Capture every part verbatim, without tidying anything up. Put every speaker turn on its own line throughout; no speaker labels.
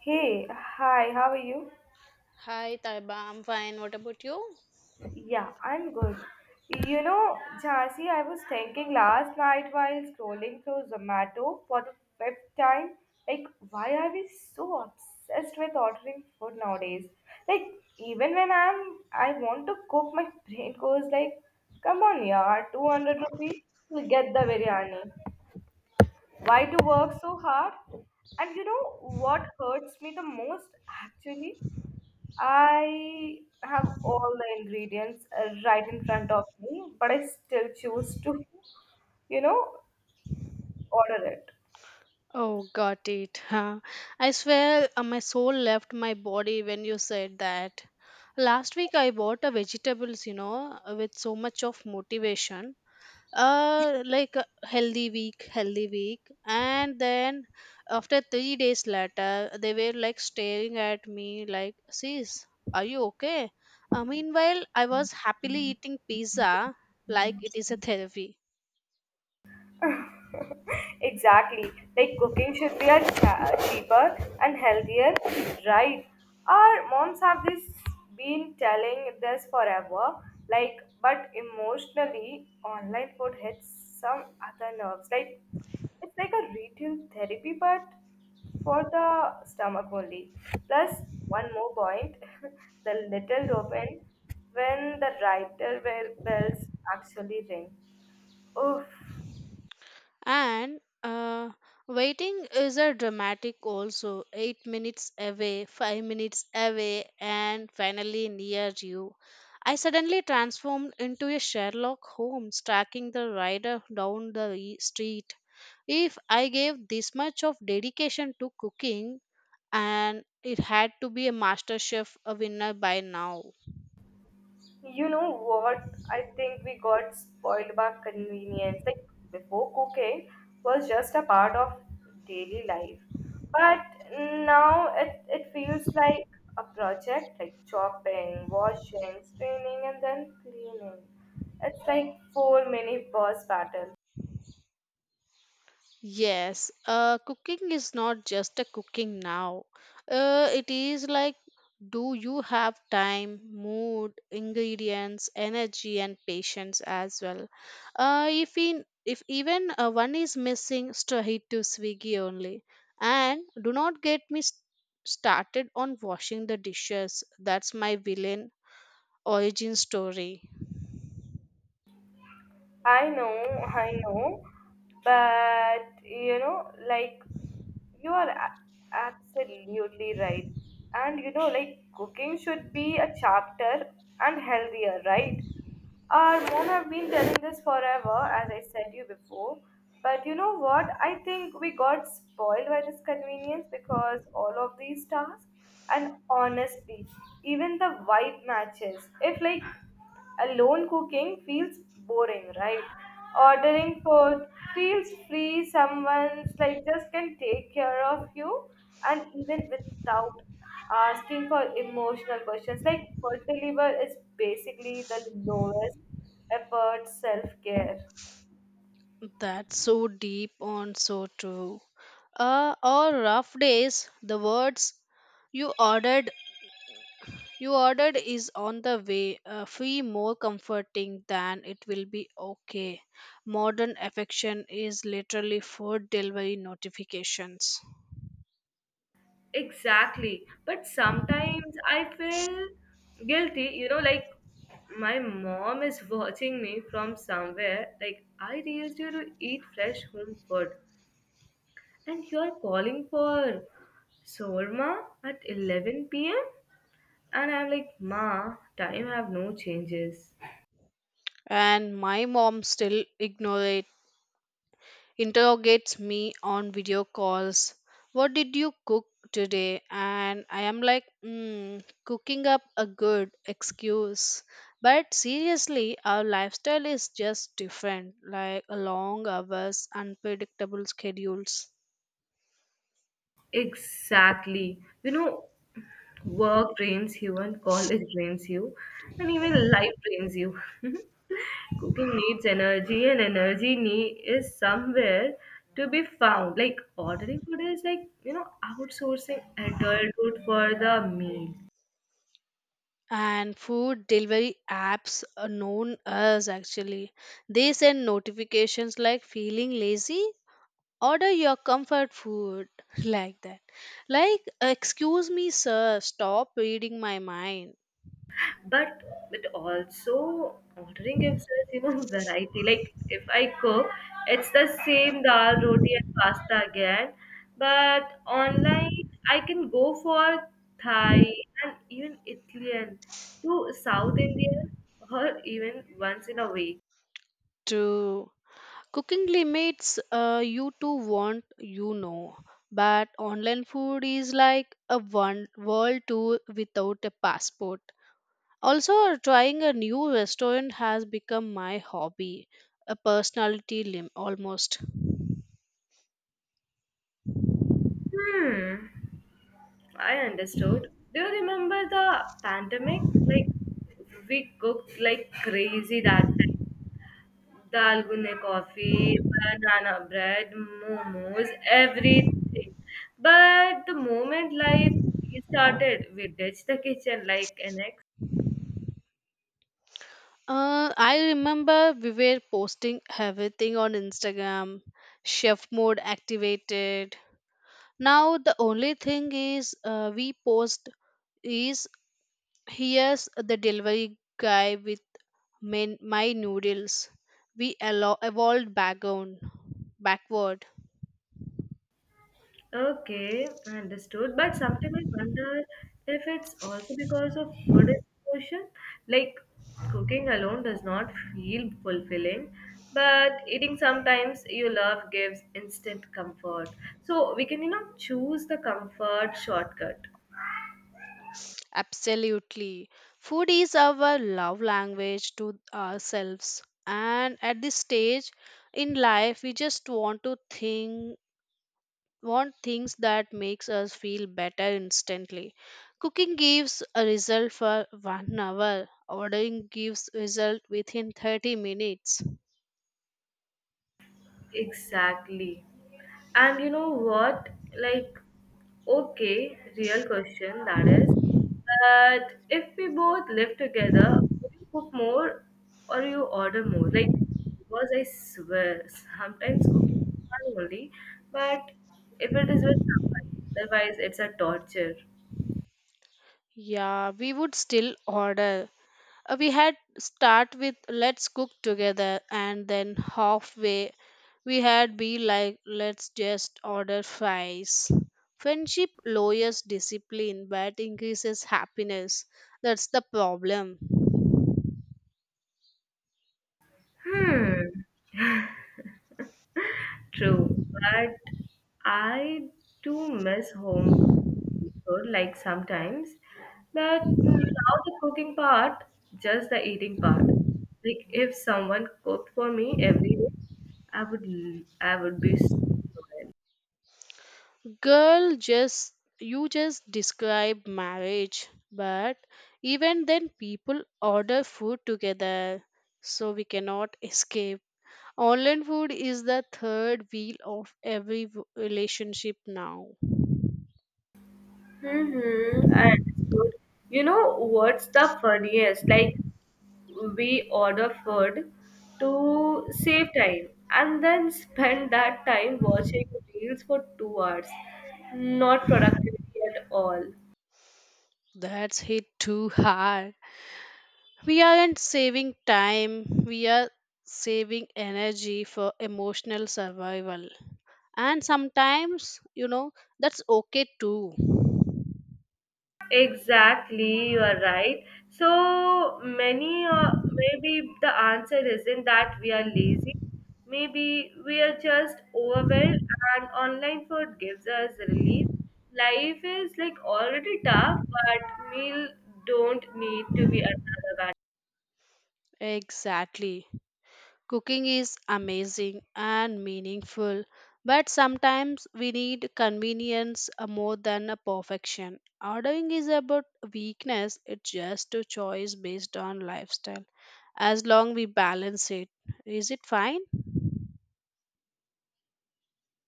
Hey, hi, how are you?
Hi, Taiba. I'm fine. What about you?
Yeah, I'm good. You know, Jhansi, I was thinking last night while scrolling through Zomato for the fifth time, like, why are we so obsessed with ordering food nowadays? Like, even when I'm, I want to cook, my brain goes like, come on, yaar, 200 rupees, we'll get the biryani. Why to work so hard? And you know what hurts me the most actually? I have all the ingredients uh, right in front of me, but I still choose to, you know, order it.
Oh, got it. Huh. I swear uh, my soul left my body when you said that. Last week I bought a vegetables, you know, uh, with so much of motivation. Uh, like uh, healthy week, healthy week. And then after three days later, they were like staring at me like, sis, are you okay? Uh, meanwhile, I was happily eating pizza like it is a therapy.
Exactly. Like cooking should be a cha- cheaper and healthier, right? Our moms have this been telling this forever. Like, but emotionally, online food hits some other nerves. Like, it's like a retail therapy, but for the stomach only. Plus, one more point: the little dopamine when the writer bell- bells actually ring. Oof.
And uh, waiting is a dramatic also. Eight minutes away, five minutes away, and finally near you. I suddenly transformed into a Sherlock Holmes tracking the rider down the e- street. If I gave this much of dedication to cooking, and it had to be a master chef a winner by now.
You know what? I think we got spoiled by convenience. Like before, cooking was just a part of daily life, but now it, it feels like a project like chopping, washing, straining, and then cleaning. It's like four mini boss battle.
Yes, uh, cooking is not just a cooking now. Uh, it is like, do you have time, mood, ingredients, energy, and patience as well? Uh, if in if even uh, one is missing, straight to Swiggy only. And do not get me s- started on washing the dishes. That's my villain origin story.
I know, I know, but you know, like you are a- absolutely right. And you know, like cooking should be a chapter and healthier, right? Our mom have been telling this forever, as I said you before. But you know what? I think we got spoiled by this convenience because all of these tasks and honestly, even the vibe matches. If like alone cooking feels boring, right? Ordering food feels free. Someone's like just can take care of you, and even without asking for emotional questions. Like food delivery is basically the lowest effort self care.
That's so deep and so true. Uh, or rough days, the words you ordered you ordered is on the way uh, feel more comforting than it will be okay. Modern affection is literally food delivery notifications.
Exactly, but sometimes I feel guilty. You know, like my mom is watching me from somewhere. Like I raised you to eat fresh home food. And you're calling for shawarma at eleven p m? And I'm like, Ma, time have no changes.
And my mom still ignores, interrogates me on video calls. What did you cook today? And I am like, mm, cooking up a good excuse. But seriously, our lifestyle is just different, like a long hours unpredictable schedules.
Exactly. You know, work drains you and college drains you and even life drains you. Cooking needs energy and energy need is somewhere to be found. Like ordering food is like, you know, outsourcing adulthood for the meal.
And food delivery apps are known as actually they send notifications like feeling lazy, order your comfort food, like that. Like, excuse me sir, stop reading my mind.
but but also ordering gives us you know variety, like if I cook, it's the same dal roti and pasta again, but online I can go for Thai, and even Italian to South Indian, or even once in a week.
To cooking limits uh, you two want, you know, but online food is like a one world tour without a passport. Also trying a new restaurant has become my hobby, a personality lim- almost.
Hmm, I understood. Do you remember the pandemic? Like we cooked like crazy that time. Dal gunne coffee, banana bread, momos, everything. But the moment life started, we ditched the kitchen like an ex.
Uh, I remember we were posting everything on Instagram, chef mode activated. Now the only thing is uh, we post is, here's the delivery guy with my, my noodles. We allo- evolved backward, backward.
Okay, understood. But sometimes I wonder if it's also because of food exposure. Like cooking alone does not feel fulfilling, but eating sometimes you love gives instant comfort. So we can, you know, choose the comfort shortcut.
Absolutely. Food is our love language to ourselves. And at this stage in life, we just want to think want things that makes us feel better instantly. Cooking gives a result for one hour, ordering gives result within thirty minutes.
Exactly. And you know what? Like, okay, real question that is. But if we both live together, would you cook more or you order more? Like, because I swear, sometimes cooking is fun only, but if it is with someone, otherwise it's a torture.
Yeah, we would still order. Uh, we had start with, let's cook together, and then halfway we had be like, let's just order fries. Friendship lowers discipline but increases happiness, that's the problem.
Hmm. True, but I do miss home food like sometimes, but now the cooking part, just the eating part. Like if someone cooked for me every day, I would l- I would be so loyal.
Girl, just you just describe marriage, but even then people order food together, so we cannot escape. Online food is the third wheel of every w- relationship now.
Mm-hmm, I understood. You know what's the funniest? Like we order food to save time and then spend that time watching reels for two hours. Not productivity at all.
That's hit too hard. We aren't saving time, we are saving energy for emotional survival. And sometimes, you know, that's okay too.
Exactly, you are right. So many, uh, maybe the answer isn't that we are lazy. Maybe we are just overwhelmed, and online food gives us relief. Life is like already tough, but meal don't need to be another.
Exactly. Cooking is amazing and meaningful, but sometimes we need convenience uh, more than a perfection. Ordering is about weakness, it's just a choice based on lifestyle. As long we balance it, is it fine?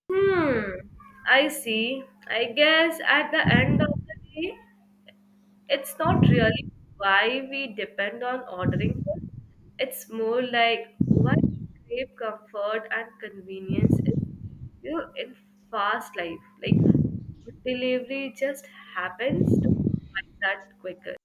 Hmm, I see. I guess at the end of the day, it's not really why we depend on ordering food. It's more like why we crave comfort and convenience in, you know, in fast life. Like food delivery just happens to find that quicker.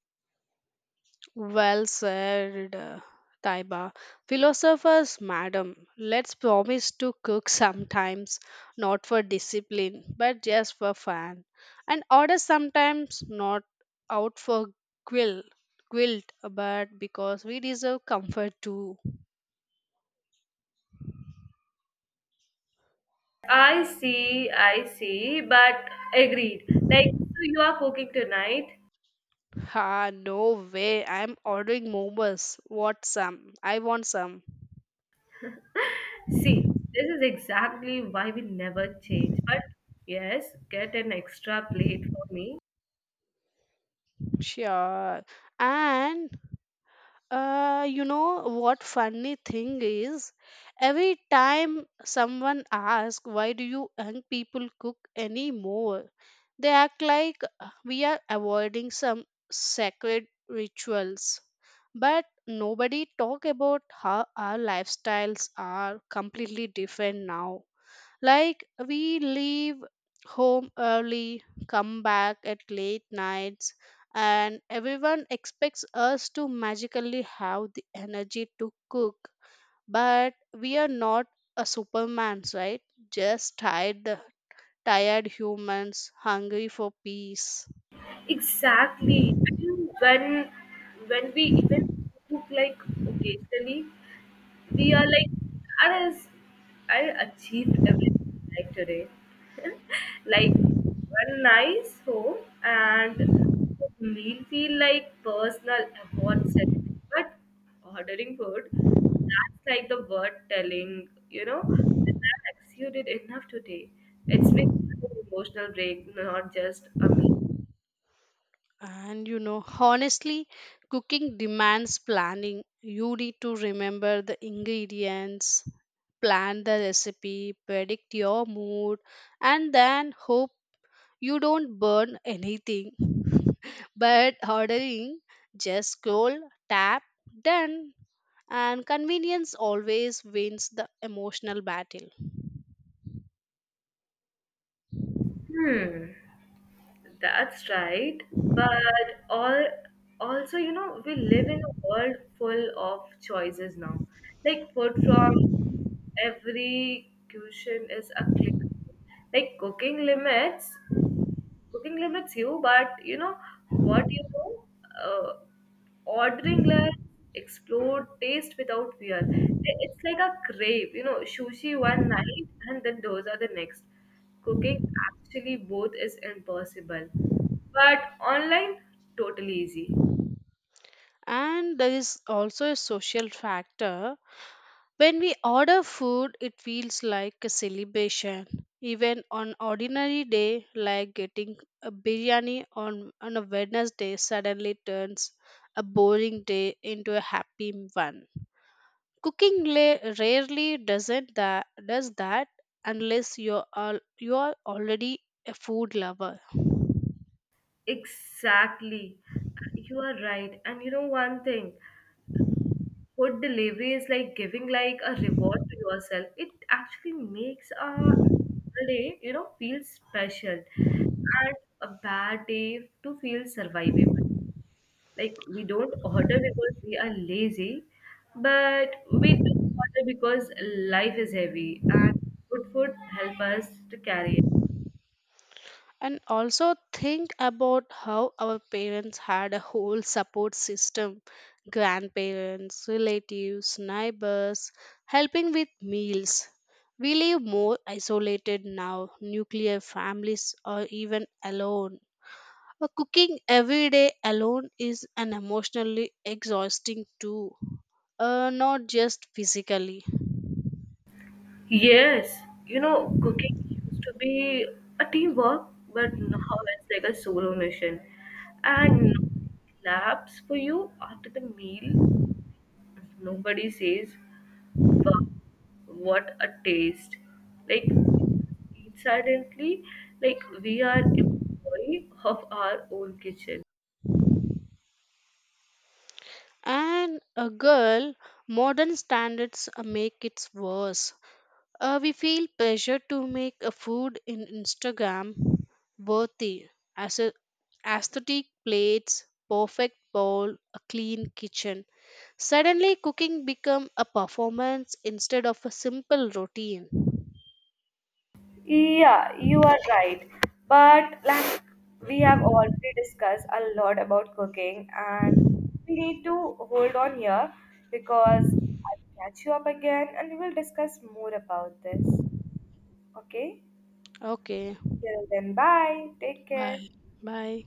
Well said, uh, Taiba. Philosophers, madam, let's promise to cook sometimes, not for discipline, but just for fun. And order sometimes, not out for quill, guilt, but because we deserve comfort too.
I see, I see, but agreed. Like, so you are cooking tonight.
Ha, no way. I'm ordering momos. What some? I want some.
See, this is exactly why we never change. But yes, get an extra plate for me.
Sure. And Uh, you know what funny thing is? Every time someone asks, why do you young people cook anymore? They act like uh, we are avoiding some sacred rituals. But nobody talk about how our lifestyles are completely different now. Like, we leave home early, come back at late nights, and everyone expects us to magically have the energy to cook. But we are not a superman's, right? Just tired, tired humans hungry for peace.
Exactly. I mean, when when we even cook like occasionally, we are like, I I achieved everything like today. Like one nice home and meal feel like personal award ceremony. But ordering food, that's like the word telling, you know, that exceeded enough today. It's been an emotional break, not just a meal.
And you know, honestly, cooking demands planning. You need to remember the ingredients, plan the recipe, predict your mood, and then hope you don't burn anything. But ordering, just scroll, tap, done, and convenience always wins the emotional battle.
Hmm, that's right. But all also, you know, we live in a world full of choices now. Like food from every cuisine is a click, like cooking limits cooking limits you. But you know what? you know uh, Ordering less explore taste without fear. Like, it's like a crave, you know sushi one night and then those are the next. Cooking actually both is impossible, but online totally easy.
And there is also a social factor. When we order food, it feels like a celebration. Even on ordinary day, like getting a biryani on, on a Wednesday suddenly turns a boring day into a happy one. Cooking la- rarely doesn't that does that unless you're al- you're already a food lover.
Exactly, you are right. And you know one thing, food delivery is like giving like a reward to yourself. It actually makes a day, you know feel special, and a bad day to feel survivable. Like we don't order because we are lazy, but we do order because life is heavy, and good food help us to carry.
And also think about how our parents had a whole support system, grandparents, relatives, neighbors, helping with meals. We live more isolated now, nuclear families, or even alone. Uh, Cooking every day alone is an emotionally exhausting too, uh, not just physically.
Yes, you know, cooking used to be a teamwork, but now it's like a solo mission. And no claps for you after the meal. Nobody says, wow, what a taste. Like, we eat silently, like we are employee of our own kitchen.
And a girl, modern standards uh, make it worse. Uh, we feel pressure to make a food in Instagram worthy as a aesthetic plates, perfect bowl, a clean kitchen. Suddenly cooking become a performance instead of a simple routine.
Yeah, you are right. But like we have already discussed a lot about cooking, and we need to hold on here because I'll catch you up again and we will discuss more about this. Okay?
Okay.
Till then, bye. Take care.
Bye. Bye.